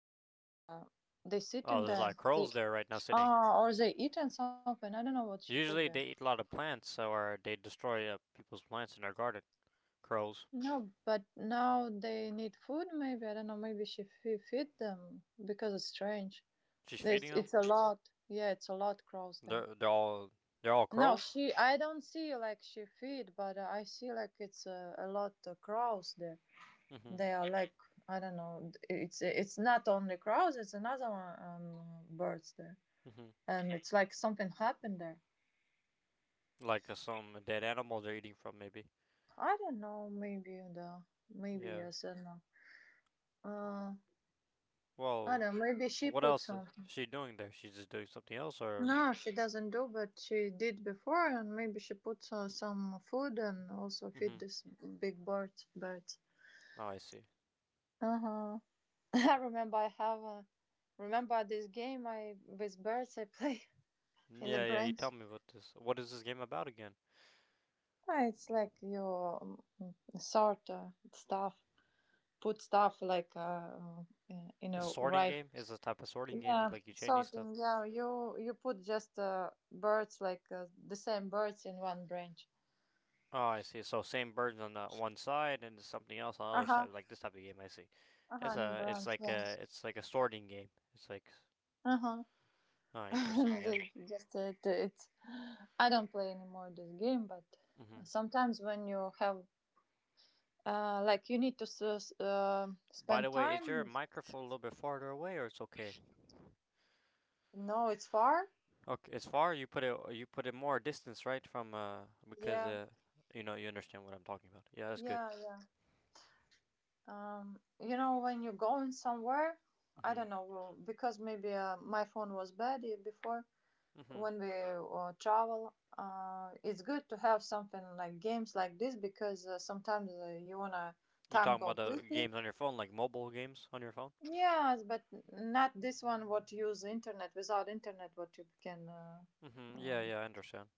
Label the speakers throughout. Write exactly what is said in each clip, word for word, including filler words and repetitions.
Speaker 1: They like uh they sit
Speaker 2: Oh,
Speaker 1: in
Speaker 2: there's a
Speaker 1: there.
Speaker 2: lot of
Speaker 1: They
Speaker 2: crows there right now sitting.
Speaker 1: ah or they eating something. I don't know what she put
Speaker 2: Usually
Speaker 1: there.
Speaker 2: they eat a lot of plants, or they destroy uh, people's plants in their garden. Crows.
Speaker 1: No, but now they need food, maybe. I don't know, maybe she fe feed them because it's strange.
Speaker 2: She's
Speaker 1: It's,
Speaker 2: feeding them.
Speaker 1: it's a lot. Yeah, it's a lot crows there.
Speaker 2: They're, they're all they're all
Speaker 1: No,
Speaker 2: crows.
Speaker 1: she, I don't see like she feed, but I see like it's a, a lot of crows there.
Speaker 2: Mm hmm
Speaker 1: They are like, I don't know, it's it's not only crows, it's another one, um, birds there.
Speaker 2: mm hmm
Speaker 1: And it's like something happened there.
Speaker 2: Like uh, some dead animal they're eating from, maybe.
Speaker 1: I don't know, maybe the, maybe
Speaker 2: Yeah.
Speaker 1: yes, I don't know. Uh, I
Speaker 2: Well,
Speaker 1: don't know, maybe she
Speaker 2: what
Speaker 1: put
Speaker 2: else is
Speaker 1: something.
Speaker 2: she doing there? She's just doing something else, or?
Speaker 1: No, she doesn't do, but she did before, and maybe she puts uh, some food and also
Speaker 2: Mm-hmm.
Speaker 1: feed this big bird. Bird.
Speaker 2: Oh, I see.
Speaker 1: Uh huh. I remember I have a, remember this game I with birds I play in the
Speaker 2: Yeah, yeah. You tell
Speaker 1: brains.
Speaker 2: me what this. What is this game about again?
Speaker 1: Ah, It's like you um, sort uh, stuff, put stuff like uh, uh, you
Speaker 2: A
Speaker 1: know
Speaker 2: sorting
Speaker 1: right.
Speaker 2: game is a type of sorting game.
Speaker 1: Yeah,
Speaker 2: Like you changing stuff.
Speaker 1: sorting. Yeah, you you put just uh, birds like uh, the same birds in one branch.
Speaker 2: Oh, I see. So same birds on the one side and something else on the
Speaker 1: Uh
Speaker 2: other
Speaker 1: huh.
Speaker 2: side. Like this type of game. I see.
Speaker 1: Uh huh.
Speaker 2: It's
Speaker 1: In
Speaker 2: a. It's
Speaker 1: branch.
Speaker 2: like
Speaker 1: Yeah.
Speaker 2: a. It's like a sorting game. It's like.
Speaker 1: Uh huh.
Speaker 2: Oh, interesting. Yeah.
Speaker 1: Just it, it's. I don't play anymore this game, but
Speaker 2: Mm-hmm.
Speaker 1: sometimes when you have uh, like you need to s- s- uh,
Speaker 2: By the
Speaker 1: spend
Speaker 2: way, is your
Speaker 1: time.
Speaker 2: microphone a little bit farther away, or it's okay?
Speaker 1: No, it's far.
Speaker 2: Okay, it's far. You put it. You put it more distance, right? From uh, because
Speaker 1: Yeah,
Speaker 2: uh, you know, you understand what I'm talking about. Yeah, that's good.
Speaker 1: yeah, yeah. Um, you know when you're going somewhere, I
Speaker 2: Mhm.
Speaker 1: don't know well, because maybe uh, my phone was bad uh, before
Speaker 2: Mhm.
Speaker 1: when we uh, travel. Uh, it's good to have something like games like this because uh, sometimes uh, you wanna
Speaker 2: You
Speaker 1: time
Speaker 2: talking
Speaker 1: go
Speaker 2: about the
Speaker 1: quickly.
Speaker 2: games on your phone, like mobile games on your phone?
Speaker 1: Yes, but not this one. What use internet without internet? What you can. Uh,
Speaker 2: Mhm.
Speaker 1: uh,
Speaker 2: Yeah. Yeah. I understand.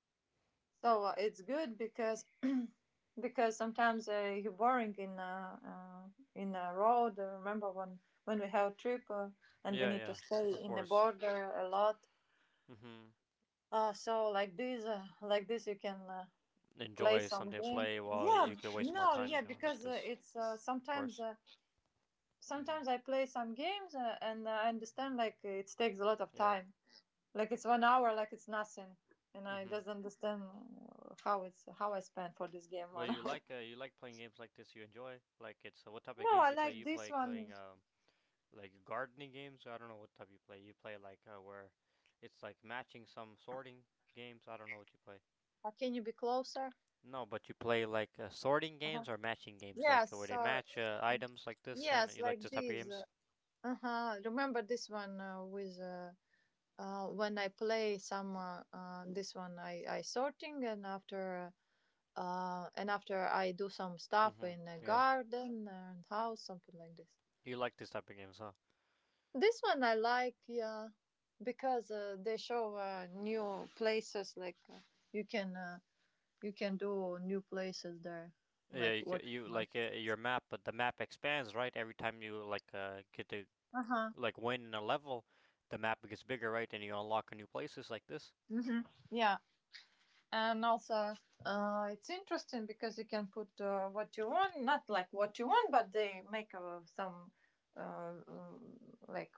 Speaker 1: so uh, it's good because because sometimes uh, you're boring in a uh, in a road. I remember when when we have a trip uh, and we
Speaker 2: Yeah.
Speaker 1: need to
Speaker 2: Yeah.
Speaker 1: stay
Speaker 2: Of
Speaker 1: in the
Speaker 2: course.
Speaker 1: border a lot.
Speaker 2: Mhm.
Speaker 1: Uh, so like this, uh, like this, you can uh, play
Speaker 2: Enjoy
Speaker 1: some
Speaker 2: something to
Speaker 1: game.
Speaker 2: play while
Speaker 1: Yeah,
Speaker 2: you can waste more
Speaker 1: no,
Speaker 2: time.
Speaker 1: yeah,
Speaker 2: You know, like
Speaker 1: because uh,
Speaker 2: this.
Speaker 1: it's uh,
Speaker 2: Of
Speaker 1: sometimes
Speaker 2: course.
Speaker 1: uh,
Speaker 2: Mhm.
Speaker 1: sometimes I play some games uh, and I understand like it takes a lot of
Speaker 2: Yeah.
Speaker 1: time. Like it's one hour, like it's nothing, and I
Speaker 2: Mhm.
Speaker 1: just understand uh, how it's how I spent for this game
Speaker 2: Well,
Speaker 1: one
Speaker 2: you
Speaker 1: hour.
Speaker 2: like uh, you like playing games like this. You enjoy like it's uh, what type of
Speaker 1: No,
Speaker 2: games do
Speaker 1: I
Speaker 2: you play?
Speaker 1: like
Speaker 2: You
Speaker 1: this
Speaker 2: play
Speaker 1: one.
Speaker 2: playing um like gardening games. So I don't know what type you play. You play like uh, where it's like matching some sorting games. I don't know what you play.
Speaker 1: Uh, can you be closer?
Speaker 2: No, but you play like uh, sorting
Speaker 1: Uh huh.
Speaker 2: games or matching games, like
Speaker 1: Yes,
Speaker 2: uh, where they
Speaker 1: sir.
Speaker 2: match uh, items like this, and
Speaker 1: Yes,
Speaker 2: you like
Speaker 1: like
Speaker 2: this type of
Speaker 1: this.
Speaker 2: games.
Speaker 1: Uh huh. Remember this one uh, with. Uh, uh, when I play some uh, uh, this one, I, I sorting and after uh, and after I do some stuff
Speaker 2: Mhm.
Speaker 1: in a
Speaker 2: Yeah,
Speaker 1: garden and house, something like this.
Speaker 2: you like this type of games, huh?
Speaker 1: This one I like, yeah, because uh, they show uh, new places. Like uh, you can uh, you can do new places there,
Speaker 2: Yeah,
Speaker 1: like
Speaker 2: you ca-
Speaker 1: what
Speaker 2: you
Speaker 1: you want.
Speaker 2: like uh, your map, but the map expands, right? Every time you like uh, get to
Speaker 1: Uh huh.
Speaker 2: like win in a level, the map gets bigger, right? And you unlock new places like this.
Speaker 1: Hmm. Yeah, and also uh, it's interesting because you can put uh, what you want, not like what you want, but they make uh, some uh, um, like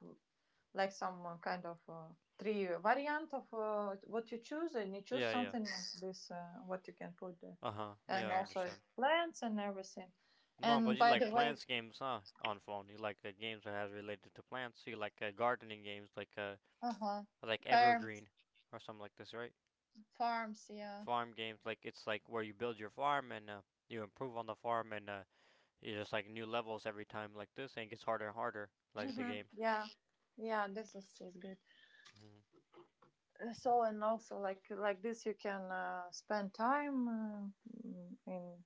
Speaker 1: like some uh, kind of uh, tree variant of uh, what you choose, and you choose
Speaker 2: Yeah, yeah.
Speaker 1: something like this, uh, what you can put there,
Speaker 2: Uh huh.
Speaker 1: and
Speaker 2: Yeah, I
Speaker 1: also
Speaker 2: understand.
Speaker 1: plants and everything.
Speaker 2: No, but
Speaker 1: And
Speaker 2: you
Speaker 1: by
Speaker 2: like
Speaker 1: the way,
Speaker 2: plants games, huh? On phone, you like uh, games that has related to plants. You like uh, gardening games, like uh,
Speaker 1: uh huh,
Speaker 2: like
Speaker 1: Farms,
Speaker 2: Evergreen or something like this, right?
Speaker 1: farms, yeah.
Speaker 2: Farm games, like it's like where you build your farm and uh, you improve on the farm, and uh, you just like new levels every time, like this, and it gets harder and harder, like the game.
Speaker 1: Yeah, yeah, this is, is good.
Speaker 2: Mm-hmm.
Speaker 1: Uh, So and also like like this, you can uh, spend time uh, mm, in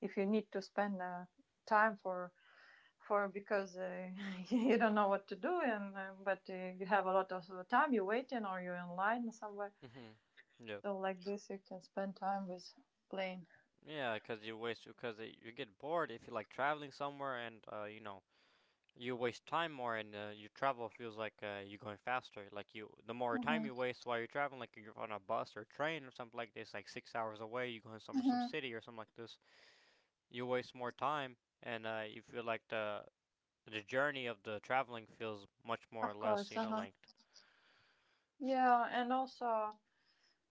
Speaker 1: if you need to spend uh, time for for because uh, you don't know what to do and uh, but uh, you have a lot of time you're waiting or you're in line somewhere
Speaker 2: Mm-hmm. Yep.
Speaker 1: so like this you can spend time with playing.
Speaker 2: Yeah, because you waste because you get bored if you like traveling somewhere, and uh, you know, you waste time more and uh, your travel feels like uh, you're going faster like you the more time you
Speaker 1: Hmm.
Speaker 2: waste while you're traveling like you're on a bus or train or something like this like six hours away you're going somewhere some
Speaker 1: Hmm.
Speaker 2: city or something like this you waste more time and uh, you feel like the the journey of the traveling feels much more or
Speaker 1: Of
Speaker 2: less you
Speaker 1: course.
Speaker 2: know
Speaker 1: Uh-huh.
Speaker 2: length.
Speaker 1: Yeah, and also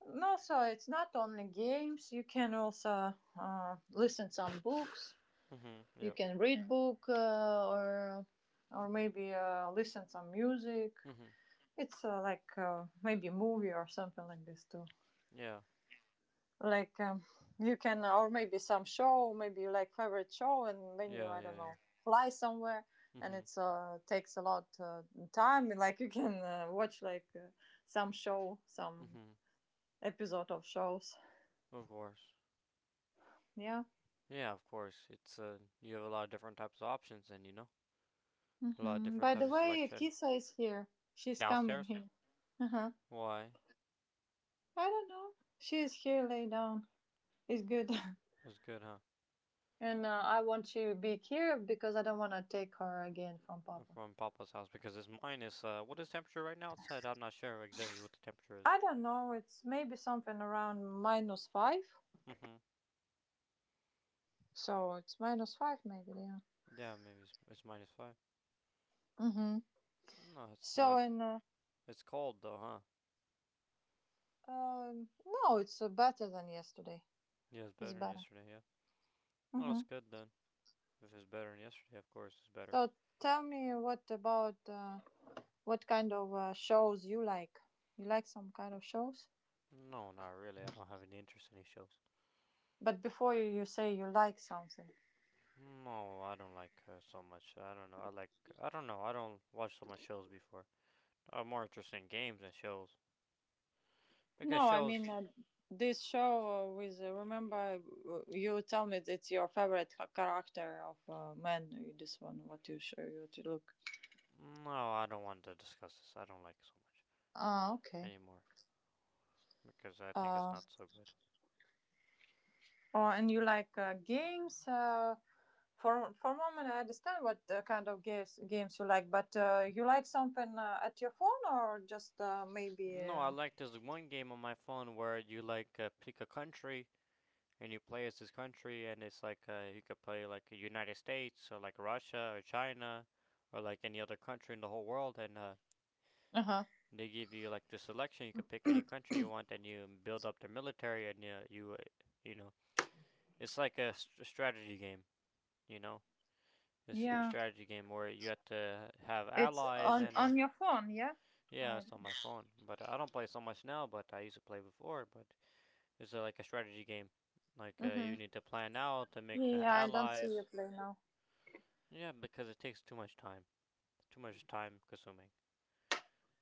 Speaker 1: and also it's not only games, you can also uh, listen some books,
Speaker 2: Mhm.
Speaker 1: you
Speaker 2: Yep.
Speaker 1: can read book uh, or or maybe uh, listen some music.
Speaker 2: Mhm.
Speaker 1: It's uh, like uh, maybe movie or something like this too,
Speaker 2: Yeah,
Speaker 1: like um, you can or maybe some show, maybe you like favorite show, and when you
Speaker 2: yeah,
Speaker 1: I don't know
Speaker 2: yeah,
Speaker 1: fly somewhere,
Speaker 2: yeah.
Speaker 1: and
Speaker 2: Mhm.
Speaker 1: it's uh takes a lot uh, time like you can uh, watch like uh, some show, some
Speaker 2: Mhm.
Speaker 1: episode of shows.
Speaker 2: Of course.
Speaker 1: Yeah.
Speaker 2: Yeah, of course it's uh you have a lot of different types of options and you know a lot of
Speaker 1: Hmm.
Speaker 2: different
Speaker 1: By
Speaker 2: types
Speaker 1: the
Speaker 2: of
Speaker 1: way,
Speaker 2: selection.
Speaker 1: Kisa is here, she's coming
Speaker 2: Downstairs.
Speaker 1: here. Uh-huh.
Speaker 2: Why?
Speaker 1: I don't know. She is here lay down, it's good.
Speaker 2: It's good, huh?
Speaker 1: And uh, I want to be here because I don't want to take her again from Papa.
Speaker 2: From Papa's house because it's minus. Uh, what is temperature right now outside? I'm not sure exactly what the temperature is.
Speaker 1: I don't know, it's maybe something around minus five.
Speaker 2: Mm-hmm.
Speaker 1: So it's minus five, maybe, yeah.
Speaker 2: Yeah, maybe it's, it's minus five.
Speaker 1: Hmm.
Speaker 2: No, it's
Speaker 1: So,
Speaker 2: not.
Speaker 1: and, uh,
Speaker 2: It's cold though, huh?
Speaker 1: um, no, it's uh, better than yesterday.
Speaker 2: Yeah, it's
Speaker 1: It's
Speaker 2: better than
Speaker 1: better.
Speaker 2: yesterday. Yeah. Well,
Speaker 1: Hmm.
Speaker 2: it's good then. If it's better than yesterday, of course, it's better.
Speaker 1: So tell me what about, uh, what kind of uh, shows you like? You like some kind of shows?
Speaker 2: No, not really. I don't have any interest in any shows.
Speaker 1: But before you, you say you like something.
Speaker 2: No, I don't like uh, so much. I don't know. I like. I don't know. I don't watch so much shows before. I'm more interested in games than shows because
Speaker 1: No, I mean
Speaker 2: shows.
Speaker 1: uh, this show uh, with uh, remember uh, you tell me it's your favorite ha- character of uh, man. uh, This one, what you show you to look.
Speaker 2: No, I don't want to discuss this. I don't like it so much
Speaker 1: Ah, okay.
Speaker 2: anymore. Because I think it's
Speaker 1: Uh,
Speaker 2: not so good.
Speaker 1: oh, and you like uh, games? Uh, for for a moment, I understand what uh, kind of games games you like, but uh, you like something uh, at your phone or just uh, maybe.
Speaker 2: No, I like this one game on my phone where you like uh, pick a country and you play as this country, and it's like uh, you could play like United States or like Russia or China or like any other country in the whole world, and uh,
Speaker 1: Uh huh.
Speaker 2: they give you like the selection. You could pick any country you want, and you build up their military, and you you uh, you know it's like a st- strategy game. You know, it's a
Speaker 1: Yeah,
Speaker 2: strategy game where you have to have
Speaker 1: it's
Speaker 2: allies
Speaker 1: on
Speaker 2: and uh.
Speaker 1: on your phone. Yeah.
Speaker 2: Yeah,
Speaker 1: I.
Speaker 2: it's on my phone, but I don't play so much now. But I used to play before. But it's uh, like a strategy game. Like uh,
Speaker 1: Mm-hmm.
Speaker 2: you need to plan out to make uh,
Speaker 1: Yeah, I don't see you
Speaker 2: allies.
Speaker 1: play now.
Speaker 2: Yeah, because it takes too much time. Too much time consuming.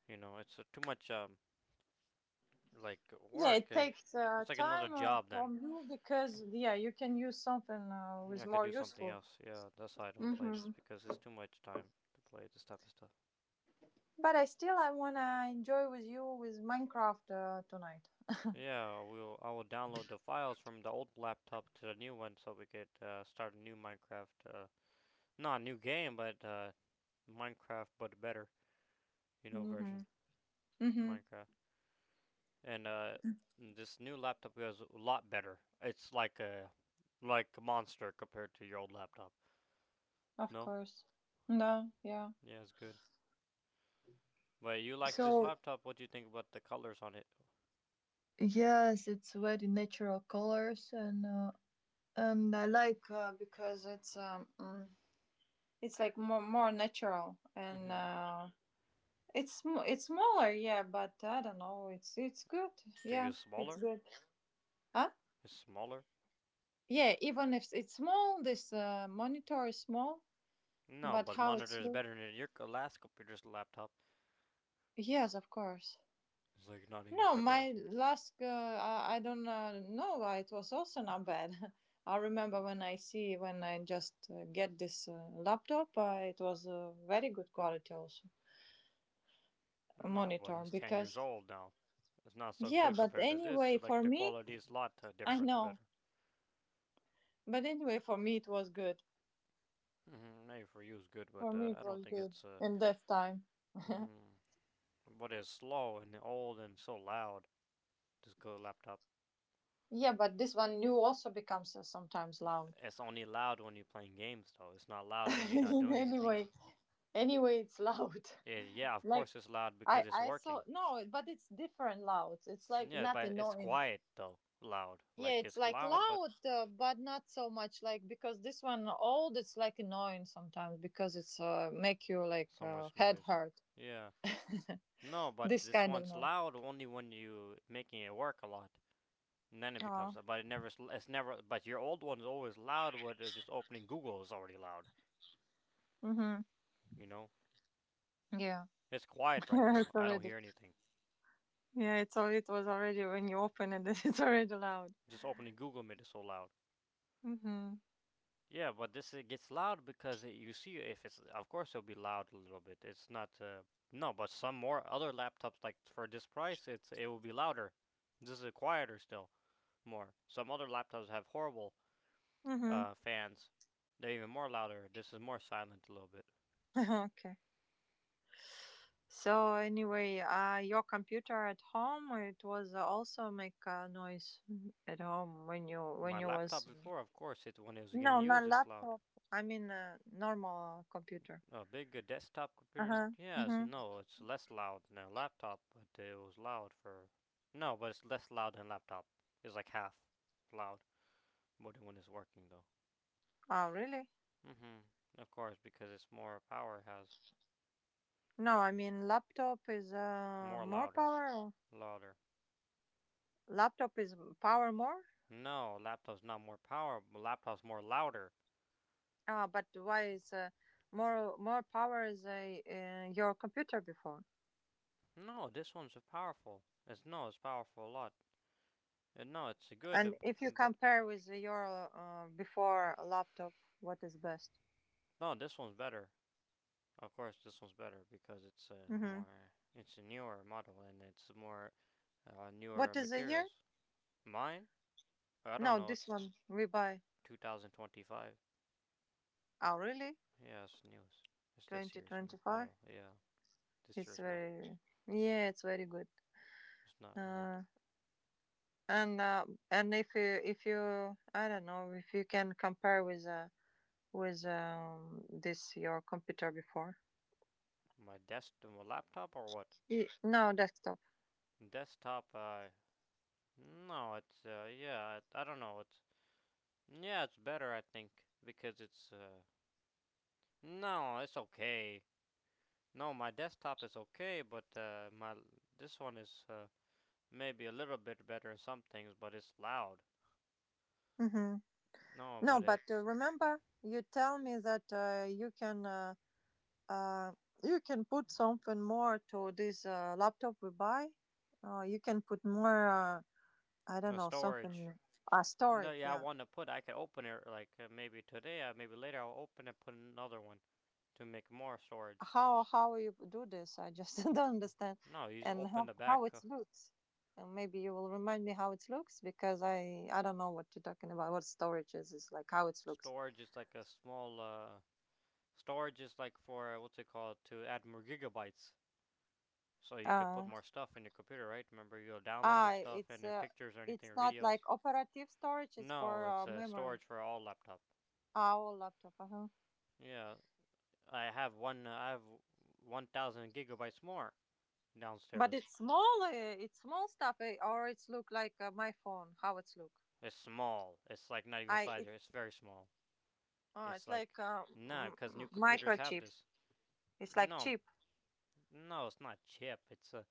Speaker 2: You know, it's uh, too much um like
Speaker 1: Yeah,
Speaker 2: work.
Speaker 1: it
Speaker 2: Eh.
Speaker 1: takes uh,
Speaker 2: It's like another
Speaker 1: time uh,
Speaker 2: job then.
Speaker 1: from you because yeah, you can use something uh,
Speaker 2: Yeah,
Speaker 1: with
Speaker 2: I could
Speaker 1: more
Speaker 2: do something
Speaker 1: useful.
Speaker 2: else. Yeah, that's why I don't play this
Speaker 1: Mm-hmm.
Speaker 2: because it's too much time to play this type of stuff.
Speaker 1: But I still I wanna enjoy with you with Minecraft uh, tonight.
Speaker 2: Yeah, we'll I will download the files from the old laptop to the new one so we could uh, start a new Minecraft. Uh, not a new game, but uh, Minecraft but better, you know,
Speaker 1: Mm-hmm.
Speaker 2: version
Speaker 1: Mm-hmm.
Speaker 2: Minecraft. And uh, this new laptop is a lot better. It's like a like a monster compared to your old laptop.
Speaker 1: Of
Speaker 2: No,
Speaker 1: course. No. Yeah.
Speaker 2: yeah, it's good. But you like this
Speaker 1: So
Speaker 2: laptop? What do you think about the colors on it?
Speaker 1: yes, it's very natural colors and uh, and I like uh, because it's um mm, it's like more more natural and
Speaker 2: Mm-hmm.
Speaker 1: uh, it's sm- it's smaller. Yeah, but I don't know. It's it's good.
Speaker 2: To you,
Speaker 1: Yeah, it's
Speaker 2: smaller?
Speaker 1: good. Huh?
Speaker 2: It's smaller?
Speaker 1: Yeah, even if it's small, this uh, monitor is small,
Speaker 2: No,
Speaker 1: but
Speaker 2: but
Speaker 1: how
Speaker 2: monitor
Speaker 1: it's
Speaker 2: is
Speaker 1: look?
Speaker 2: better than your co- last computer's laptop.
Speaker 1: Yes, of course.
Speaker 2: It's like not even
Speaker 1: No, my
Speaker 2: comparison.
Speaker 1: last, uh, I I don't uh, know why it was also not bad. I remember when I see, when I just uh, get this uh, laptop, uh, it was uh, very good quality also,
Speaker 2: No, but
Speaker 1: monitor,
Speaker 2: it's ten years
Speaker 1: because,
Speaker 2: old now. It's not so
Speaker 1: yeah,
Speaker 2: good
Speaker 1: but
Speaker 2: compared to this.
Speaker 1: anyway,
Speaker 2: Like
Speaker 1: for
Speaker 2: the
Speaker 1: me,
Speaker 2: quality is a lot uh,
Speaker 1: I
Speaker 2: different,
Speaker 1: know,
Speaker 2: better.
Speaker 1: but anyway, for me, it was good.
Speaker 2: Hmm. Maybe for you it's good, but
Speaker 1: For
Speaker 2: uh,
Speaker 1: me, it
Speaker 2: I don't
Speaker 1: was
Speaker 2: think
Speaker 1: good
Speaker 2: it's. Uh,
Speaker 1: in that time.
Speaker 2: hmm. But it's slow and old and so loud. This good laptop.
Speaker 1: Yeah, but this one new also becomes uh, sometimes loud.
Speaker 2: It's only loud when you're playing games, though. It's not loud when you're not doing anything.
Speaker 1: Anyway, anyway, it's loud.
Speaker 2: Yeah, yeah, of
Speaker 1: Like
Speaker 2: course it's loud because
Speaker 1: I,
Speaker 2: it's
Speaker 1: I saw
Speaker 2: working.
Speaker 1: no, but it's different loud. It's like
Speaker 2: Yeah,
Speaker 1: not
Speaker 2: but it's
Speaker 1: annoying.
Speaker 2: quiet though. Loud,
Speaker 1: Yeah,
Speaker 2: like
Speaker 1: it's
Speaker 2: it's
Speaker 1: like
Speaker 2: loud, but
Speaker 1: loud, uh, but not so much like because this one old. It's like annoying sometimes because it's uh, make you like
Speaker 2: so
Speaker 1: uh,
Speaker 2: much
Speaker 1: head
Speaker 2: noise.
Speaker 1: hurt.
Speaker 2: Yeah. No, but
Speaker 1: This
Speaker 2: this
Speaker 1: kind of
Speaker 2: one's
Speaker 1: noise.
Speaker 2: loud only when you making it work a lot. And then it
Speaker 1: Oh.
Speaker 2: becomes, but it never, it's never. But your old one's always loud. With uh, just opening Google is already loud.
Speaker 1: Mhm.
Speaker 2: You know.
Speaker 1: Yeah.
Speaker 2: It's quiet
Speaker 1: It's
Speaker 2: right now. I don't
Speaker 1: already.
Speaker 2: hear anything.
Speaker 1: Yeah, it's all. It was already when you open it. It's already loud.
Speaker 2: Just opening Google made it so loud.
Speaker 1: Mhm.
Speaker 2: Yeah, but this it gets loud because it, you see if it's of course it'll be loud a little bit. It's not uh, no, but some more other laptops like for this price it's it will be louder. This is quieter still more. Some other laptops have horrible
Speaker 1: Mhm.
Speaker 2: uh, fans. They're even more louder. This is more silent a little bit.
Speaker 1: Okay. So anyway, uh, your computer at home it was also make uh, noise at home when you
Speaker 2: My
Speaker 1: when you
Speaker 2: laptop
Speaker 1: was.
Speaker 2: before, of course, it when it was
Speaker 1: No,
Speaker 2: getting
Speaker 1: not
Speaker 2: used, it's loud.
Speaker 1: laptop. I mean uh, normal computer.
Speaker 2: A big uh, desktop
Speaker 1: Uh
Speaker 2: computer?
Speaker 1: huh.
Speaker 2: Yes,
Speaker 1: Mm-hmm.
Speaker 2: no, it's less loud than a laptop, but it was loud for. No, but it's less loud than a laptop. It's like half loud, but when it's working though.
Speaker 1: Oh really?
Speaker 2: Hmm. Of course, because it's more power, it has
Speaker 1: No, I mean laptop is uh,
Speaker 2: more
Speaker 1: more
Speaker 2: louder.
Speaker 1: power. or-
Speaker 2: Louder.
Speaker 1: Laptop is power more.
Speaker 2: No, laptop's not more power, but laptop's more louder.
Speaker 1: Ah, but why is uh, more more power is uh, uh, your computer before?
Speaker 2: No, this one's powerful. It's no, it's powerful a lot. And no, it's good, uh,
Speaker 1: And if you
Speaker 2: but.
Speaker 1: compare with your uh, before laptop, what is best?
Speaker 2: No, this one's better. Of course, this one's better because it's a
Speaker 1: Mm-hmm.
Speaker 2: more, it's a newer model and it's more uh, newer
Speaker 1: What is the year?
Speaker 2: materials. Mine, I don't
Speaker 1: No,
Speaker 2: know,
Speaker 1: this one we buy.
Speaker 2: two thousand twenty-five.
Speaker 1: Oh, really?
Speaker 2: Yeah, it's newest. It's this year's
Speaker 1: twenty twenty-five.
Speaker 2: model. Yeah, this
Speaker 1: It's
Speaker 2: year's model.
Speaker 1: very yeah, it's very good.
Speaker 2: It's not old.
Speaker 1: Uh, and uh, and if you if you I don't know if you can compare with uh, with um, this your computer before.
Speaker 2: My desk, uh, my laptop, or what?
Speaker 1: Y- No desktop.
Speaker 2: Desktop. Uh, no, it's uh, yeah. I, I don't know. It's yeah, it's better. I think because it's uh, no, it's okay. No, my desktop is okay, but uh, my this one is uh, maybe a little bit better in some things, but it's loud.
Speaker 1: Hmm.
Speaker 2: No,
Speaker 1: No,
Speaker 2: but
Speaker 1: but uh,
Speaker 2: it's
Speaker 1: remember you tell me that uh, you can uh, uh, you can put something more to this uh, laptop we buy. Uh, you can put more. Uh, I don't
Speaker 2: a
Speaker 1: know, something
Speaker 2: storage.
Speaker 1: uh,
Speaker 2: No,
Speaker 1: storage,
Speaker 2: yeah, I
Speaker 1: yeah.
Speaker 2: want to put. I could open it like uh, maybe today, uh, maybe later. I'll open and put another one to make more storage.
Speaker 1: How how you do this? I just don't understand.
Speaker 2: No, you just
Speaker 1: And
Speaker 2: open
Speaker 1: how
Speaker 2: the
Speaker 1: how
Speaker 2: back.
Speaker 1: it
Speaker 2: Uh,
Speaker 1: looks. And maybe you will remind me how it looks because I I don't know what you're talking about. What storage is is like how it looks.
Speaker 2: storage is like a small. Uh, storage is like for uh, what's it called to add more gigabytes, so you could put
Speaker 1: Uh
Speaker 2: more stuff in your computer, right? Remember, you'll download
Speaker 1: ah
Speaker 2: with stuff
Speaker 1: it's
Speaker 2: and uh,
Speaker 1: uh
Speaker 2: pictures or anything
Speaker 1: it's
Speaker 2: or
Speaker 1: not like
Speaker 2: videos.
Speaker 1: operative storage, it's
Speaker 2: No,
Speaker 1: for uh,
Speaker 2: it's a uh,
Speaker 1: memory.
Speaker 2: storage for all laptop.
Speaker 1: Our laptop, uh-huh.
Speaker 2: Yeah, I have one. Uh, I have one thousand gigabytes more
Speaker 1: But
Speaker 2: downstairs.
Speaker 1: it's small, uh, it's small stuff eh, or it's look like uh, my phone, how it's look.
Speaker 2: It's small. It's like not even a
Speaker 1: I it,
Speaker 2: slider. It's very small.
Speaker 1: oh,
Speaker 2: It's
Speaker 1: it's like
Speaker 2: like
Speaker 1: uh,
Speaker 2: nah,
Speaker 1: m-
Speaker 2: because new
Speaker 1: m-
Speaker 2: computers have
Speaker 1: microchip.
Speaker 2: this.
Speaker 1: It's
Speaker 2: You
Speaker 1: like
Speaker 2: know,
Speaker 1: chip.
Speaker 2: no, it's not chip. It's a.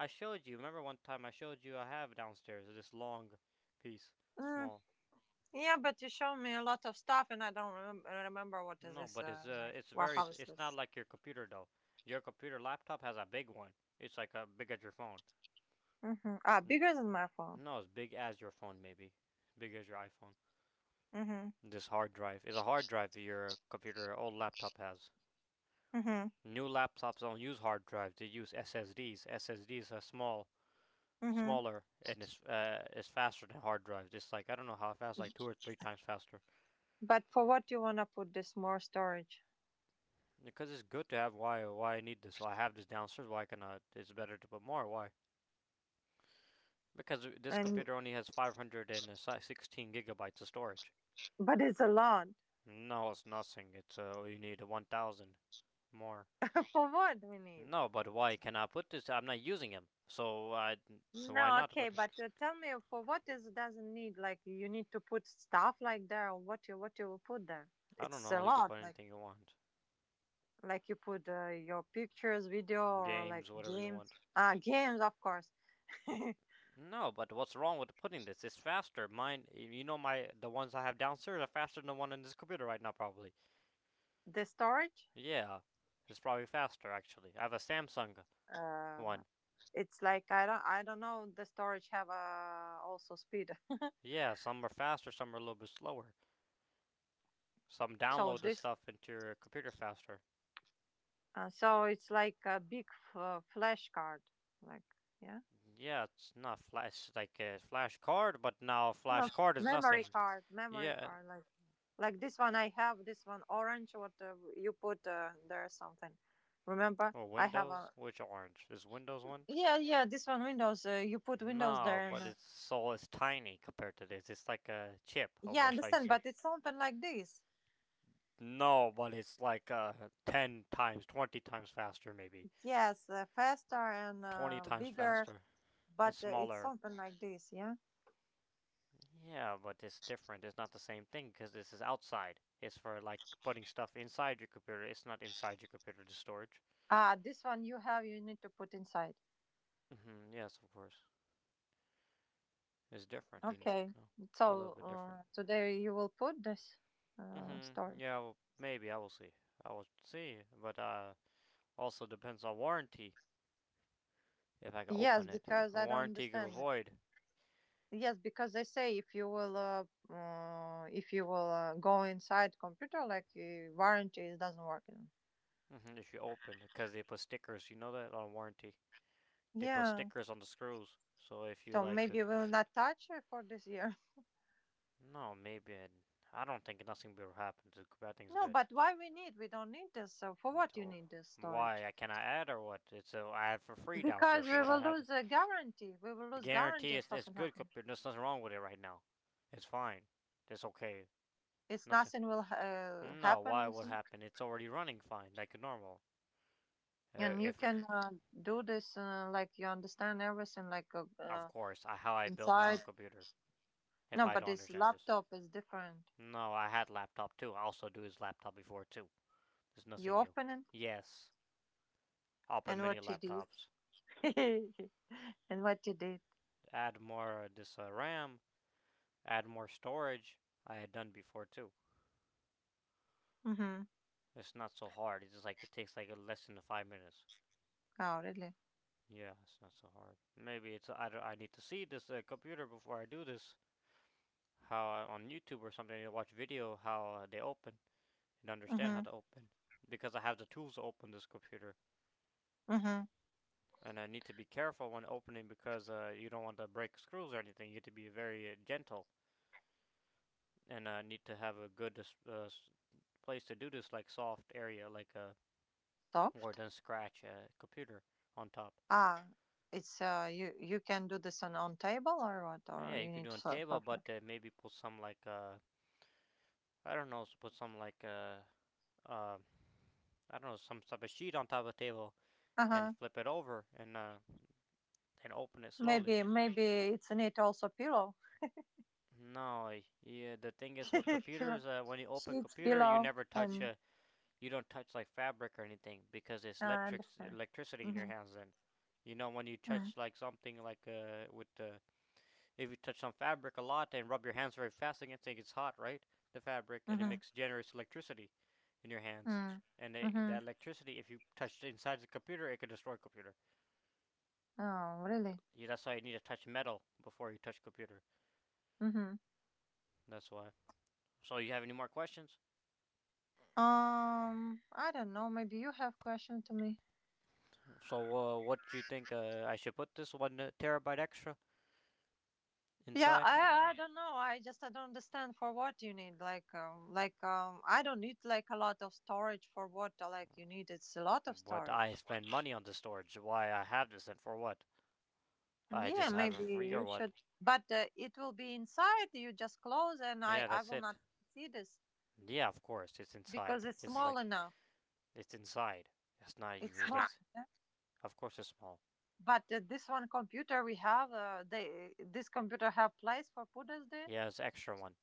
Speaker 2: I showed you. Remember one time I showed you I have downstairs this long piece,
Speaker 1: Mm,
Speaker 2: small.
Speaker 1: yeah, but you show me a lot of stuff, and I don't remem- remember what is
Speaker 2: No,
Speaker 1: this
Speaker 2: but
Speaker 1: uh,
Speaker 2: it's uh,
Speaker 1: like.
Speaker 2: it's
Speaker 1: What
Speaker 2: very.
Speaker 1: how is
Speaker 2: It's not
Speaker 1: this?
Speaker 2: like your computer though. Your computer laptop has a big one. It's like a big as your phone.
Speaker 1: Mm-hmm. Ah,
Speaker 2: N-
Speaker 1: bigger than my phone.
Speaker 2: no, it's big as your phone maybe, big as your iPhone.
Speaker 1: Mm-hmm.
Speaker 2: This hard drive is a hard drive your computer, old laptop has.
Speaker 1: Mm-hmm.
Speaker 2: New laptops don't use hard drives; they use S S Ds. S S Ds are small,
Speaker 1: Mm-hmm.
Speaker 2: smaller, and it's uh, it's faster than hard drives. It's like I don't know how fast, like two or three times faster.
Speaker 1: But for what do you wanna put this more storage?
Speaker 2: Because it's good to have. Why? Why I need this? So I have this downstairs. Why can I? It's better to put more. Why? Because this
Speaker 1: And
Speaker 2: computer only has five hundred sixteen gigabytes of storage.
Speaker 1: but it's a lot.
Speaker 2: No, it's nothing. It's uh, You need one thousand more.
Speaker 1: For what we need?
Speaker 2: No, but why can I put this? I'm not using him, so I so why
Speaker 1: No,
Speaker 2: not
Speaker 1: okay,
Speaker 2: put it?
Speaker 1: but uh, tell me for what is doesn't need like you need to put stuff like there or what you what you will put there?
Speaker 2: I don't
Speaker 1: It's
Speaker 2: know.
Speaker 1: a
Speaker 2: You can
Speaker 1: lot
Speaker 2: put
Speaker 1: like
Speaker 2: anything you want,
Speaker 1: like you put uh, your pictures, video, or like
Speaker 2: games, whatever you
Speaker 1: games.
Speaker 2: want.
Speaker 1: Ah, games, of course.
Speaker 2: No, but what's wrong with putting this? It's faster. Mine, you know, my the ones I have downstairs are faster than the one in this computer right now, probably.
Speaker 1: The storage,
Speaker 2: Yeah, it's probably faster actually. I have a Samsung
Speaker 1: uh
Speaker 2: one.
Speaker 1: it's like i don't i don't know the storage have uh also speed.
Speaker 2: Yeah, some are faster, some are a little bit slower. Some
Speaker 1: So
Speaker 2: download the
Speaker 1: this,
Speaker 2: stuff into your computer faster.
Speaker 1: uh, so it's like a big f- uh, flash card like. Yeah.
Speaker 2: Yeah, it's not flash like a flash card, but now flash
Speaker 1: No,
Speaker 2: card is
Speaker 1: memory
Speaker 2: nothing.
Speaker 1: card memory
Speaker 2: Yeah,
Speaker 1: card like. Like this one, I have this one orange, what, uh, you put, uh, there something. Remember
Speaker 2: or
Speaker 1: I have
Speaker 2: Windows?
Speaker 1: a
Speaker 2: Which orange? Is Windows one?
Speaker 1: yeah, yeah, this one Windows, uh, you put Windows
Speaker 2: No,
Speaker 1: there, and
Speaker 2: but
Speaker 1: uh,
Speaker 2: it's so it's tiny compared to this. It's like a chip
Speaker 1: yeah, I
Speaker 2: almost. How you
Speaker 1: understand,
Speaker 2: say?
Speaker 1: but it's something like this.
Speaker 2: No, but it's like uh, ten times, twenty times faster, maybe
Speaker 1: Yes, uh, faster and
Speaker 2: twenty
Speaker 1: uh,
Speaker 2: times
Speaker 1: bigger.
Speaker 2: faster and
Speaker 1: But uh, it's
Speaker 2: smaller.
Speaker 1: something like this, yeah.
Speaker 2: Yeah, but it's different. It's not the same thing because this is outside. It's for like putting stuff inside your computer. It's not inside your computer. The storage.
Speaker 1: Ah, this one you have, you need to put inside.
Speaker 2: Hmm, yes, of course. It's different. You
Speaker 1: Okay,
Speaker 2: know, a little
Speaker 1: so
Speaker 2: bit different.
Speaker 1: uh, today you will put this, uh,
Speaker 2: Mm-hmm.
Speaker 1: store.
Speaker 2: Yeah, well, maybe I will see. I will see, but uh, also depends on warranty if I can
Speaker 1: Yes,
Speaker 2: open it.
Speaker 1: because
Speaker 2: A
Speaker 1: I don't
Speaker 2: warranty could
Speaker 1: understand it.
Speaker 2: avoid,
Speaker 1: Yes, because they say if you will uh, uh, if you will uh, go inside computer, like, uh, warranty it doesn't work you know.
Speaker 2: mm-hmm, if you open because they put stickers. You know that on warranty they put
Speaker 1: Yeah,
Speaker 2: stickers on the screws. So if you
Speaker 1: so
Speaker 2: like, uh,
Speaker 1: maybe we'll not touch it for this year.
Speaker 2: no, maybe I, I don't think nothing will happen. The bad thing's
Speaker 1: No,
Speaker 2: good.
Speaker 1: but why we need, we don't need this, so for what you
Speaker 2: So
Speaker 1: need this storage?
Speaker 2: why I cannot add or what? It's a I have for free
Speaker 1: Because
Speaker 2: downstairs.
Speaker 1: we
Speaker 2: So what I
Speaker 1: will
Speaker 2: have to.
Speaker 1: lose a guarantee. We will
Speaker 2: The
Speaker 1: lose guarantee
Speaker 2: guarantee
Speaker 1: if
Speaker 2: is it's
Speaker 1: something
Speaker 2: good
Speaker 1: happens.
Speaker 2: computer. There's nothing wrong with it right now. It's fine. It's okay.
Speaker 1: It's
Speaker 2: Nothing.
Speaker 1: nothing will uh,
Speaker 2: No,
Speaker 1: happen,
Speaker 2: why
Speaker 1: you
Speaker 2: would
Speaker 1: see.
Speaker 2: happen? It's already running fine, like normal. Uh,
Speaker 1: And you
Speaker 2: if it's,
Speaker 1: can uh, do this, uh, like you understand everything, like, uh,
Speaker 2: of
Speaker 1: uh,
Speaker 2: course, I, how I build my own
Speaker 1: inside.
Speaker 2: computer. If
Speaker 1: No,
Speaker 2: I
Speaker 1: but
Speaker 2: don't
Speaker 1: this
Speaker 2: understand this.
Speaker 1: laptop is different.
Speaker 2: No, I had laptop too. I also do his laptop before too. There's
Speaker 1: You
Speaker 2: nothing new.
Speaker 1: open it,
Speaker 2: Yes, open
Speaker 1: and
Speaker 2: many
Speaker 1: what you did,
Speaker 2: laptops.
Speaker 1: and what you did?
Speaker 2: Add more uh, this uh, RAM. Add more storage. I had done before too.
Speaker 1: Mm-hmm.
Speaker 2: It's not so hard. It's just like it takes like less than five minutes.
Speaker 1: Oh, really?
Speaker 2: Yeah, it's not so hard. Maybe it's I, don't- I need to see this uh, computer before I do this. how uh, on YouTube or something you watch video how uh, they open and understand how
Speaker 1: Mm-hmm.
Speaker 2: to open because I have the tools to open this computer
Speaker 1: Mm-hmm.
Speaker 2: and I need to be careful when opening because uh, you don't want to break screws or anything. You need to be very uh, gentle and I uh, need to have a good uh, place to do this like soft area like uh, where it
Speaker 1: Soft.
Speaker 2: doesn't scratch a computer on top.
Speaker 1: Ah, it's uh, you. You can do this on, on table or what,
Speaker 2: Yeah,
Speaker 1: or
Speaker 2: you
Speaker 1: you
Speaker 2: can
Speaker 1: need
Speaker 2: do on
Speaker 1: so-
Speaker 2: table,
Speaker 1: software?
Speaker 2: but uh, maybe put some like uh, I don't know, put some like uh, uh, I don't know, some type of sheet on top of the table
Speaker 1: Uh
Speaker 2: and
Speaker 1: huh.
Speaker 2: flip it over and uh, and open it slowly.
Speaker 1: Maybe maybe it's need also pillow,
Speaker 2: No, yeah. The thing is with
Speaker 1: pillow,
Speaker 2: computers, uh, when you open
Speaker 1: sheets,
Speaker 2: computer, you
Speaker 1: pillow,
Speaker 2: never touch
Speaker 1: and
Speaker 2: uh, you don't touch like fabric or anything because it's
Speaker 1: uh, I
Speaker 2: electric
Speaker 1: understand.
Speaker 2: electricity in your
Speaker 1: Mm-hmm.
Speaker 2: hands. Then you know when you
Speaker 1: Mm,
Speaker 2: touch like something like uh with uh, if you touch some fabric a lot and rub your hands very fast against it, it's hot, right? The fabric and it
Speaker 1: mm-hmm.
Speaker 2: makes generates electricity in your hands.
Speaker 1: Mm,
Speaker 2: And they,
Speaker 1: mm-hmm.
Speaker 2: that electricity, if you touch inside the computer, it could destroy computer.
Speaker 1: Oh, really?
Speaker 2: Yeah, that's why you need to touch metal before you touch computer.
Speaker 1: Mm-hmm.
Speaker 2: That's why. So you have any more questions?
Speaker 1: Um, I don't know. Maybe you have question to me.
Speaker 2: So, uh, what do you think? Uh, I should put this one uh, terabyte extra
Speaker 1: Yeah,
Speaker 2: inside?
Speaker 1: I I don't know. I just I don't understand for what you need, like um like um I don't need like a lot of storage for what, uh, like you need. It's a lot of
Speaker 2: What I
Speaker 1: storage.
Speaker 2: spend money on the storage? Why I have this and for what? I
Speaker 1: Yeah,
Speaker 2: just have
Speaker 1: maybe
Speaker 2: it free or
Speaker 1: you
Speaker 2: what?
Speaker 1: should. But uh, it will be inside. You just close, and I
Speaker 2: Yeah,
Speaker 1: I
Speaker 2: that's
Speaker 1: will
Speaker 2: it.
Speaker 1: not see this
Speaker 2: Yeah, of course it's
Speaker 1: because
Speaker 2: inside.
Speaker 1: it's
Speaker 2: It's
Speaker 1: small
Speaker 2: like
Speaker 1: enough.
Speaker 2: it's inside. It's not
Speaker 1: It's
Speaker 2: you.
Speaker 1: small,
Speaker 2: That's
Speaker 1: yeah.
Speaker 2: of course it's small.
Speaker 1: But uh, this one computer we have, uh, they this computer have place for putters there.
Speaker 2: Yeah, it's extra one.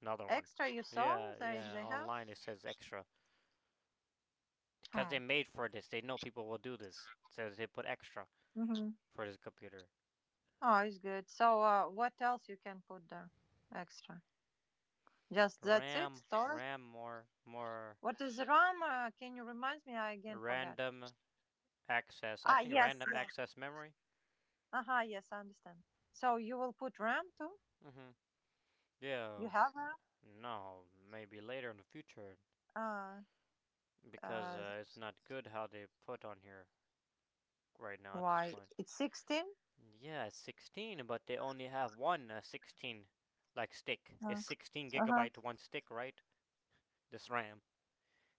Speaker 2: Another one.
Speaker 1: Extra, you saw
Speaker 2: Yeah,
Speaker 1: there if
Speaker 2: yeah.
Speaker 1: they have.
Speaker 2: Online it says extra because they
Speaker 1: Oh.
Speaker 2: made for this. They know people will do this, so they put extra
Speaker 1: Hmm. Mm-hmm.
Speaker 2: for this computer.
Speaker 1: Oh, it's good. So uh, what else you can put there? Extra. Just that's it.
Speaker 2: RAM,
Speaker 1: Store.
Speaker 2: RAM more, more
Speaker 1: What is RAM? Uh, can you remind me? I again forget.
Speaker 2: random access. I
Speaker 1: Ah,
Speaker 2: think
Speaker 1: yes,
Speaker 2: random
Speaker 1: yes.
Speaker 2: access memory.
Speaker 1: Aha, yes, I understand. So you will put RAM too?
Speaker 2: Mhm.
Speaker 1: You
Speaker 2: Yeah.
Speaker 1: have
Speaker 2: No. Maybe later in the future
Speaker 1: RAM? Uh,
Speaker 2: because
Speaker 1: uh,
Speaker 2: uh, it's not good how they put on here right now at this
Speaker 1: why?
Speaker 2: point.
Speaker 1: It's sixteen?
Speaker 2: Yeah, sixteen, but they only have one uh, sixteen like stick.
Speaker 1: Uh
Speaker 2: It's sixteen
Speaker 1: huh.
Speaker 2: gigabyte one stick, right? This RAM.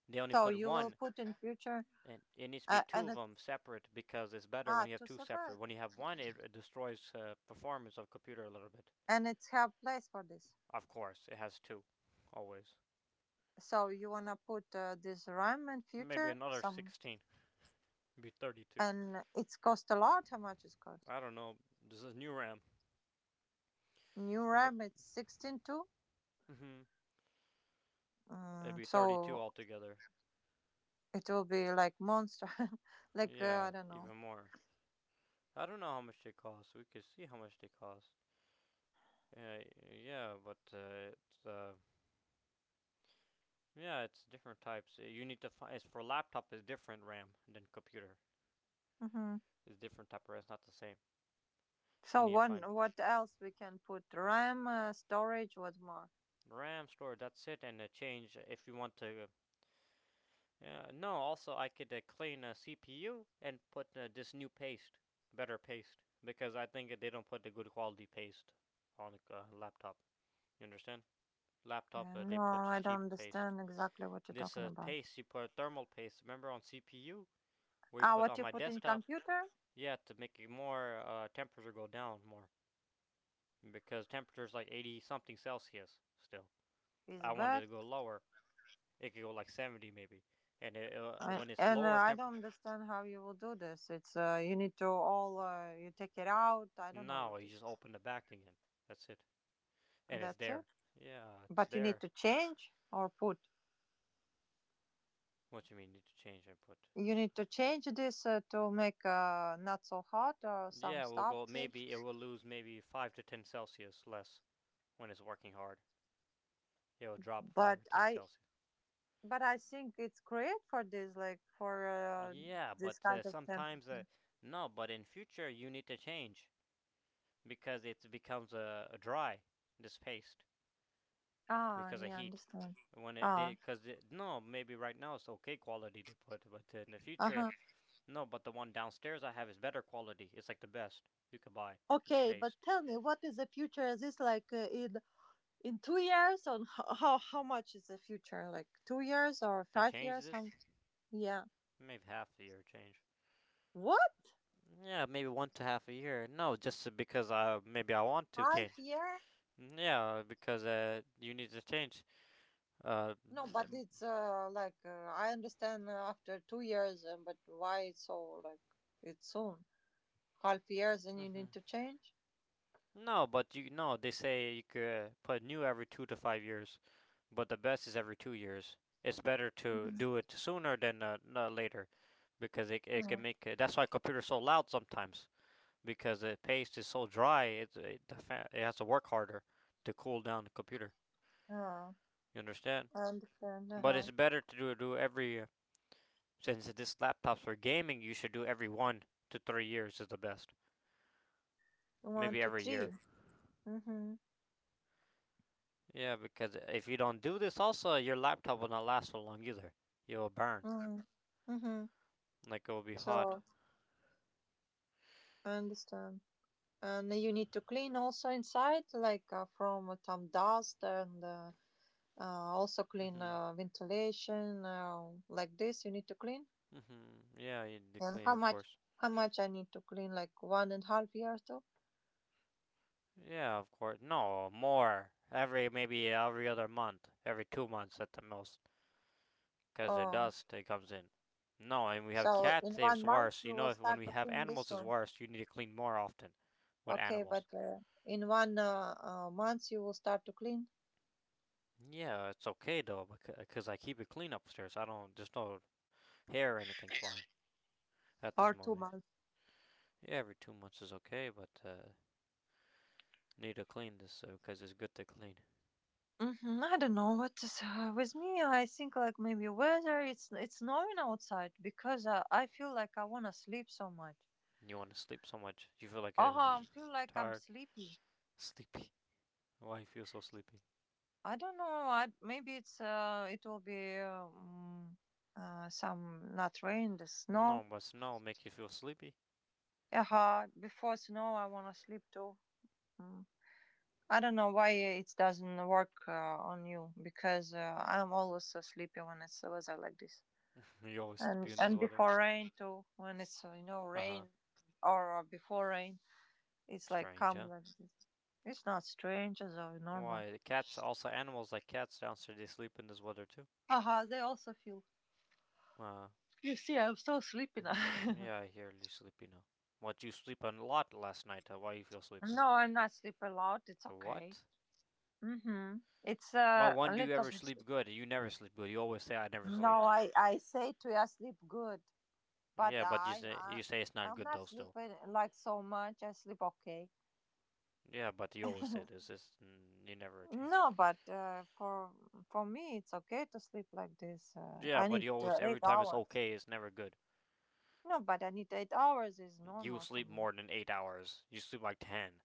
Speaker 2: They only
Speaker 1: So
Speaker 2: put
Speaker 1: you will
Speaker 2: one,
Speaker 1: put in future,
Speaker 2: and it needs to be
Speaker 1: uh,
Speaker 2: two
Speaker 1: and
Speaker 2: of
Speaker 1: it,
Speaker 2: them separate because it's better
Speaker 1: ah,
Speaker 2: when you have
Speaker 1: two
Speaker 2: two separate.
Speaker 1: separate,
Speaker 2: When you have one, it it destroys uh, performance of computer a little bit.
Speaker 1: and it's have place for this.
Speaker 2: Of course, it has two, always.
Speaker 1: So you wanna put, uh, this RAM in
Speaker 2: Maybe
Speaker 1: future
Speaker 2: another
Speaker 1: some,
Speaker 2: sixteen. It'd be thirty-two.
Speaker 1: and it's cost a lot. How much it cost?
Speaker 2: I don't know. This is new RAM.
Speaker 1: New
Speaker 2: And the,
Speaker 1: RAM it's sixteen too.
Speaker 2: hmm It'd
Speaker 1: Mm,
Speaker 2: be thirty-two
Speaker 1: so
Speaker 2: altogether.
Speaker 1: it will be like monster, like, uh, I
Speaker 2: Yeah,
Speaker 1: don't know.
Speaker 2: even more. I don't know how much they cost. We could see how much they cost. Yeah, yeah, but uh, it's uh, yeah, it's different types. Uh, You need to find. It's for laptop is different RAM than computer.
Speaker 1: Mhm.
Speaker 2: It's different type of RAM. It's not the same. You
Speaker 1: So
Speaker 2: need to find
Speaker 1: what what else we can put? RAM, uh, storage, what more?
Speaker 2: RAM storage. That's it, and uh, change if you want to. Uh, no, also I could uh, clean a C P U and put uh, this new paste, better paste, because I think they don't put the good quality paste on a uh, laptop. You understand? Laptop
Speaker 1: Uh,
Speaker 2: uh, they
Speaker 1: no,
Speaker 2: put the
Speaker 1: I don't
Speaker 2: cheap paste.
Speaker 1: understand exactly what you're
Speaker 2: This
Speaker 1: talking
Speaker 2: uh,
Speaker 1: about.
Speaker 2: paste you put thermal paste. Remember on C P U we
Speaker 1: Ah,
Speaker 2: put
Speaker 1: what
Speaker 2: on
Speaker 1: you
Speaker 2: my
Speaker 1: put in
Speaker 2: desktop.
Speaker 1: computer
Speaker 2: Yeah, to make it more uh, temperature go down more because temperature's like eighty something Celsius still.
Speaker 1: is
Speaker 2: I wanted
Speaker 1: bad,
Speaker 2: to go lower. It could go like seventy maybe, and it, uh,
Speaker 1: I,
Speaker 2: when it's
Speaker 1: and uh,
Speaker 2: lower
Speaker 1: I don't
Speaker 2: temperature.
Speaker 1: understand how you will do this. It's uh, you need to all, uh, you take it out. I don't know
Speaker 2: No,
Speaker 1: what
Speaker 2: you
Speaker 1: is.
Speaker 2: just open the back again. That's it. And it's
Speaker 1: That's it.
Speaker 2: there. Yeah, it's
Speaker 1: But you need
Speaker 2: there.
Speaker 1: to change or put.
Speaker 2: What do you mean need to change input?
Speaker 1: You need to change this, uh, to make, uh, not so hot or some
Speaker 2: Yeah, we'll
Speaker 1: stuff.
Speaker 2: go maybe it will lose maybe five to ten Celsius less when it's working hard. It will drop
Speaker 1: But
Speaker 2: five or ten
Speaker 1: I
Speaker 2: Celsius.
Speaker 1: But I think it's great for this, like for, uh,
Speaker 2: Yeah,
Speaker 1: this
Speaker 2: but
Speaker 1: kind
Speaker 2: uh,
Speaker 1: of
Speaker 2: sometimes uh,
Speaker 1: temperature.
Speaker 2: no. But in future you need to change because it becomes a uh, dry this paste
Speaker 1: Ah,
Speaker 2: because of
Speaker 1: yeah,
Speaker 2: heat.
Speaker 1: understand.
Speaker 2: When it
Speaker 1: Ah,
Speaker 2: did, because no, maybe right now it's okay quality they put, but in the
Speaker 1: uh
Speaker 2: future.
Speaker 1: huh.
Speaker 2: No, but the one downstairs I have is better quality. It's like the best you could buy. This
Speaker 1: Okay, but
Speaker 2: paste.
Speaker 1: tell me, what is the future? Is this like, uh, in in two years, or h- how how much is the future? Like two years or
Speaker 2: They
Speaker 1: five
Speaker 2: changed
Speaker 1: years? How?
Speaker 2: this?
Speaker 1: Yeah.
Speaker 2: Maybe half a year change.
Speaker 1: What?
Speaker 2: Yeah, maybe one to half a year. No, just because I maybe I want to
Speaker 1: Half
Speaker 2: change.
Speaker 1: year?
Speaker 2: Yeah, because uh, you need to change. Uh,
Speaker 1: No, but
Speaker 2: mm-hmm.
Speaker 1: it's uh like, uh, I understand, uh, after two years, uh, but why it's so like it's soon half years and you need to change?
Speaker 2: No, but you no. They say you could uh, put new every two to five years, but the best is every two years. It's better to
Speaker 1: Mhm.
Speaker 2: do it sooner than uh, later because it it
Speaker 1: Uh,
Speaker 2: can make it, that's why computers so loud sometimes because the paste is so dry, it, it, the it has to work harder to cool down the computer.
Speaker 1: uh.
Speaker 2: You understand?
Speaker 1: I understand.
Speaker 2: But
Speaker 1: Uh-huh.
Speaker 2: it's better to do, do every, since this laptop's for gaming, you should do every one to three years is the best.
Speaker 1: One,
Speaker 2: Maybe
Speaker 1: two,
Speaker 2: every
Speaker 1: three.
Speaker 2: year.
Speaker 1: Mm-hmm.
Speaker 2: Yeah, because if you don't do this, also, your laptop will not last so long either. It will burn.
Speaker 1: Mm-hmm. Mm-hmm.
Speaker 2: Like, it will be hot.
Speaker 1: So I understand. And you need to clean also inside, like, uh, from, uh, some dust and, uh, uh, also clean,
Speaker 2: Hmm,
Speaker 1: uh, ventilation, uh, like this. You need to clean.
Speaker 2: hmm, yeah, you need to
Speaker 1: And
Speaker 2: clean,
Speaker 1: how
Speaker 2: of
Speaker 1: much?
Speaker 2: course.
Speaker 1: How much I need to clean? Like one and a half year too?
Speaker 2: Yeah, of course. No, more. Every, maybe every other month. Every two months at the most. Because the
Speaker 1: Oh,
Speaker 2: dust it comes in. No, and we have
Speaker 1: so in
Speaker 2: cats, it's
Speaker 1: one month
Speaker 2: worse. You
Speaker 1: you
Speaker 2: know,
Speaker 1: will
Speaker 2: if when
Speaker 1: start
Speaker 2: we
Speaker 1: to
Speaker 2: have
Speaker 1: clean this
Speaker 2: animals, it's
Speaker 1: one.
Speaker 2: worse. You need to clean more often with
Speaker 1: Okay, but
Speaker 2: animals.
Speaker 1: uh, in one, uh, uh, month you will start to clean,
Speaker 2: Yeah, it's okay though, because I keep it clean upstairs. I don't, there's no hair or anything flying at this
Speaker 1: or two
Speaker 2: moment.
Speaker 1: months.
Speaker 2: Yeah, every two months is okay, but uh, need to clean this because uh, it's good to clean.
Speaker 1: Mhm, I don't know what is uh, with me. I think like maybe weather. It's it's snowing outside because, uh, I feel like I wanna sleep so much.
Speaker 2: You want to sleep so much. You feel like
Speaker 1: Oh,
Speaker 2: a
Speaker 1: I feel like I'm
Speaker 2: tired,
Speaker 1: sleepy.
Speaker 2: sleepy. Why you feel so sleepy?
Speaker 1: I don't know. I, maybe it's uh it will be um, uh some, not rain, the
Speaker 2: No,
Speaker 1: snow.
Speaker 2: but snow make you feel sleepy.
Speaker 1: Uh, before snow, I wanna sleep too. Mm. I don't know why it doesn't work uh, on you because, uh, I'm always so sleepy when it's weather like this.
Speaker 2: you always sleepy
Speaker 1: and
Speaker 2: in this
Speaker 1: and
Speaker 2: weather.
Speaker 1: before rain too when it's, uh, you know
Speaker 2: Uh
Speaker 1: rain
Speaker 2: huh.
Speaker 1: or, uh, before rain it's like
Speaker 2: Strange,
Speaker 1: calm
Speaker 2: huh?
Speaker 1: like this. It's not strange, as uh, normal.
Speaker 2: Why, the cats, also animals like cats downstairs, they sleep in this weather too.
Speaker 1: Aha, they also feel.
Speaker 2: Uh,
Speaker 1: You see, I'm so sleepy
Speaker 2: mhm.
Speaker 1: now.
Speaker 2: yeah, I hear you sleepy now. What, you sleep a lot last night, uh, why you feel sleepy?
Speaker 1: No, I'm not sleep a lot, it's okay.
Speaker 2: What?
Speaker 1: Mm-hmm. It's,
Speaker 2: Ma,
Speaker 1: uh,
Speaker 2: one.
Speaker 1: a
Speaker 2: do you
Speaker 1: little
Speaker 2: ever
Speaker 1: bit.
Speaker 2: sleep good? You never sleep good, you always say I never
Speaker 1: No,
Speaker 2: sleep.
Speaker 1: i i say to you I sleep good, but
Speaker 2: Yeah, but
Speaker 1: i,
Speaker 2: you say,
Speaker 1: I
Speaker 2: you say it's not
Speaker 1: I'm
Speaker 2: good
Speaker 1: not
Speaker 2: though still.
Speaker 1: sleeping like so much, I sleep okay.
Speaker 2: Yeah, but you always say this, it's, mm, you never change.
Speaker 1: No, but uh, for, for me, it's okay to sleep like this. Uh,
Speaker 2: Yeah,
Speaker 1: I
Speaker 2: but
Speaker 1: need,
Speaker 2: you always,
Speaker 1: uh,
Speaker 2: every
Speaker 1: eight
Speaker 2: time it's
Speaker 1: hours.
Speaker 2: okay, it's never good.
Speaker 1: No, but I need eight hours is
Speaker 2: You
Speaker 1: normal for
Speaker 2: sleep
Speaker 1: me.
Speaker 2: more than eight hours, you sleep like ten.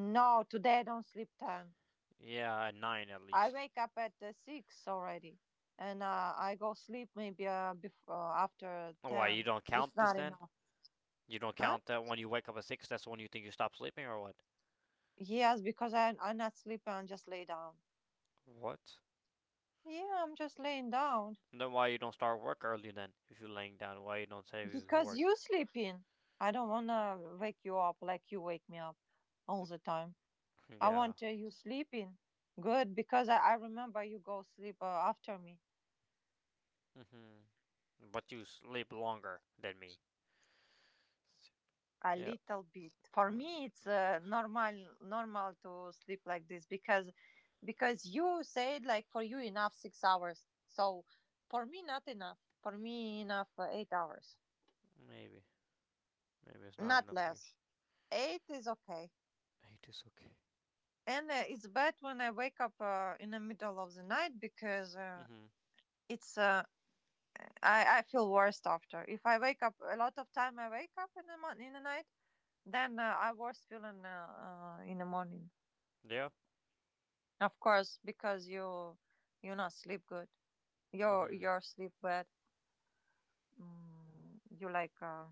Speaker 1: No, today I don't sleep ten.
Speaker 2: Yeah, nine at
Speaker 1: I
Speaker 2: least.
Speaker 1: wake up at, uh, six already, and, uh, I go sleep maybe, uh, before, after
Speaker 2: Why, you
Speaker 1: ten.
Speaker 2: don't
Speaker 1: It's
Speaker 2: count this
Speaker 1: not
Speaker 2: then?
Speaker 1: enough,
Speaker 2: You don't
Speaker 1: huh?
Speaker 2: count that when you wake up at six. That's when you think you stop sleeping or what?
Speaker 1: Yes, because I I'm not sleeping. I just lay down.
Speaker 2: What?
Speaker 1: Yeah, I'm just laying down
Speaker 2: And Then why you don't start work early then? If you're laying down, why you don't say you
Speaker 1: because you
Speaker 2: work?
Speaker 1: sleeping. I don't wanna wake you up like you wake me up all the time. I
Speaker 2: yeah.
Speaker 1: want, uh, you sleeping. Good, because I, I remember you go sleep, uh, after me
Speaker 2: Mm-hmm. But you sleep longer than me.
Speaker 1: a
Speaker 2: Yeah.
Speaker 1: little bit. For
Speaker 2: well,
Speaker 1: me, it's uh, normal normal to sleep like this, because because you said like for you enough six hours. So for me, not enough. For me, enough, uh, eight hours,
Speaker 2: Maybe. Maybe it's not
Speaker 1: not
Speaker 2: enough for you.
Speaker 1: less. Eight is okay,
Speaker 2: Eight is okay.
Speaker 1: and, uh, it's bad when I wake up, uh, in the middle of the night because, uh,
Speaker 2: Mm-hmm.
Speaker 1: it's uh, I, I feel worst after. If I wake up a lot of time, I wake up in the mon- in the night. Then, uh, I worse feeling, uh, uh, in the morning.
Speaker 2: Yeah.
Speaker 1: Of course, because you you not sleep good. Your
Speaker 2: Mm-hmm.
Speaker 1: your sleep bad. Mm, you like, uh,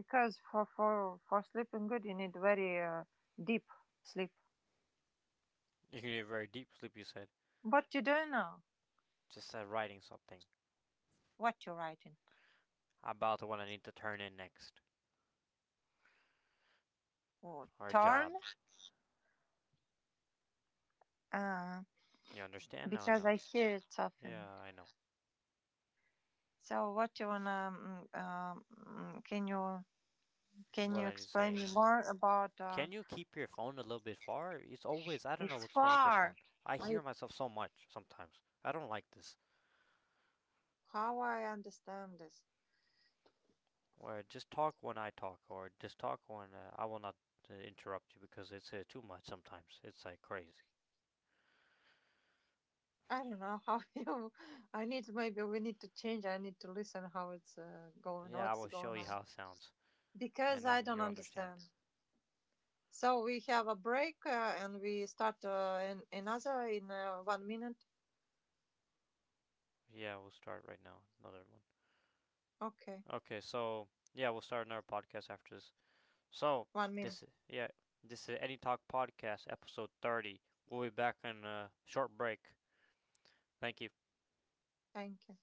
Speaker 1: because for for for sleeping good you need very, uh, deep sleep.
Speaker 2: You can get very deep sleep. You said.
Speaker 1: What you do now?
Speaker 2: Just said writing something
Speaker 1: What you writing?
Speaker 2: about what I need to turn in next.
Speaker 1: Oh,
Speaker 2: Our
Speaker 1: turn.
Speaker 2: job.
Speaker 1: Uh,
Speaker 2: You understand now or
Speaker 1: because
Speaker 2: no?
Speaker 1: I hear it
Speaker 2: Yeah,
Speaker 1: often.
Speaker 2: I know.
Speaker 1: So what you wanna? Um, um, can you? Can
Speaker 2: What
Speaker 1: you
Speaker 2: I need to
Speaker 1: explain
Speaker 2: say
Speaker 1: me
Speaker 2: now.
Speaker 1: more about, uh,
Speaker 2: Can you keep your phone a little bit far? It's always, I don't know
Speaker 1: it's
Speaker 2: what's wrong with your
Speaker 1: far?
Speaker 2: phone. I
Speaker 1: I,
Speaker 2: hear myself so much sometimes. I don't like this.
Speaker 1: how I understand this?
Speaker 2: Or just talk when I talk, or just talk when uh, I will not uh, interrupt you because it's uh, too much sometimes. It's like crazy.
Speaker 1: I don't know how, you. I need, maybe we need to change. I need to listen how it's, uh, going,
Speaker 2: Yeah, I
Speaker 1: what's
Speaker 2: will show
Speaker 1: going
Speaker 2: you
Speaker 1: on,
Speaker 2: how it sounds,
Speaker 1: because
Speaker 2: and
Speaker 1: I
Speaker 2: then
Speaker 1: don't
Speaker 2: you'll understand.
Speaker 1: understand. So we have a break, uh, and we start, uh, in another in uh, one minute.
Speaker 2: Yeah, we'll start right now. Another one.
Speaker 1: Okay,
Speaker 2: Okay, so yeah, we'll start another podcast after this. So
Speaker 1: one minute.
Speaker 2: this, yeah, this is Any Talk Podcast, episode thirty. We'll be back in a short break. Thank you.
Speaker 1: Thank you.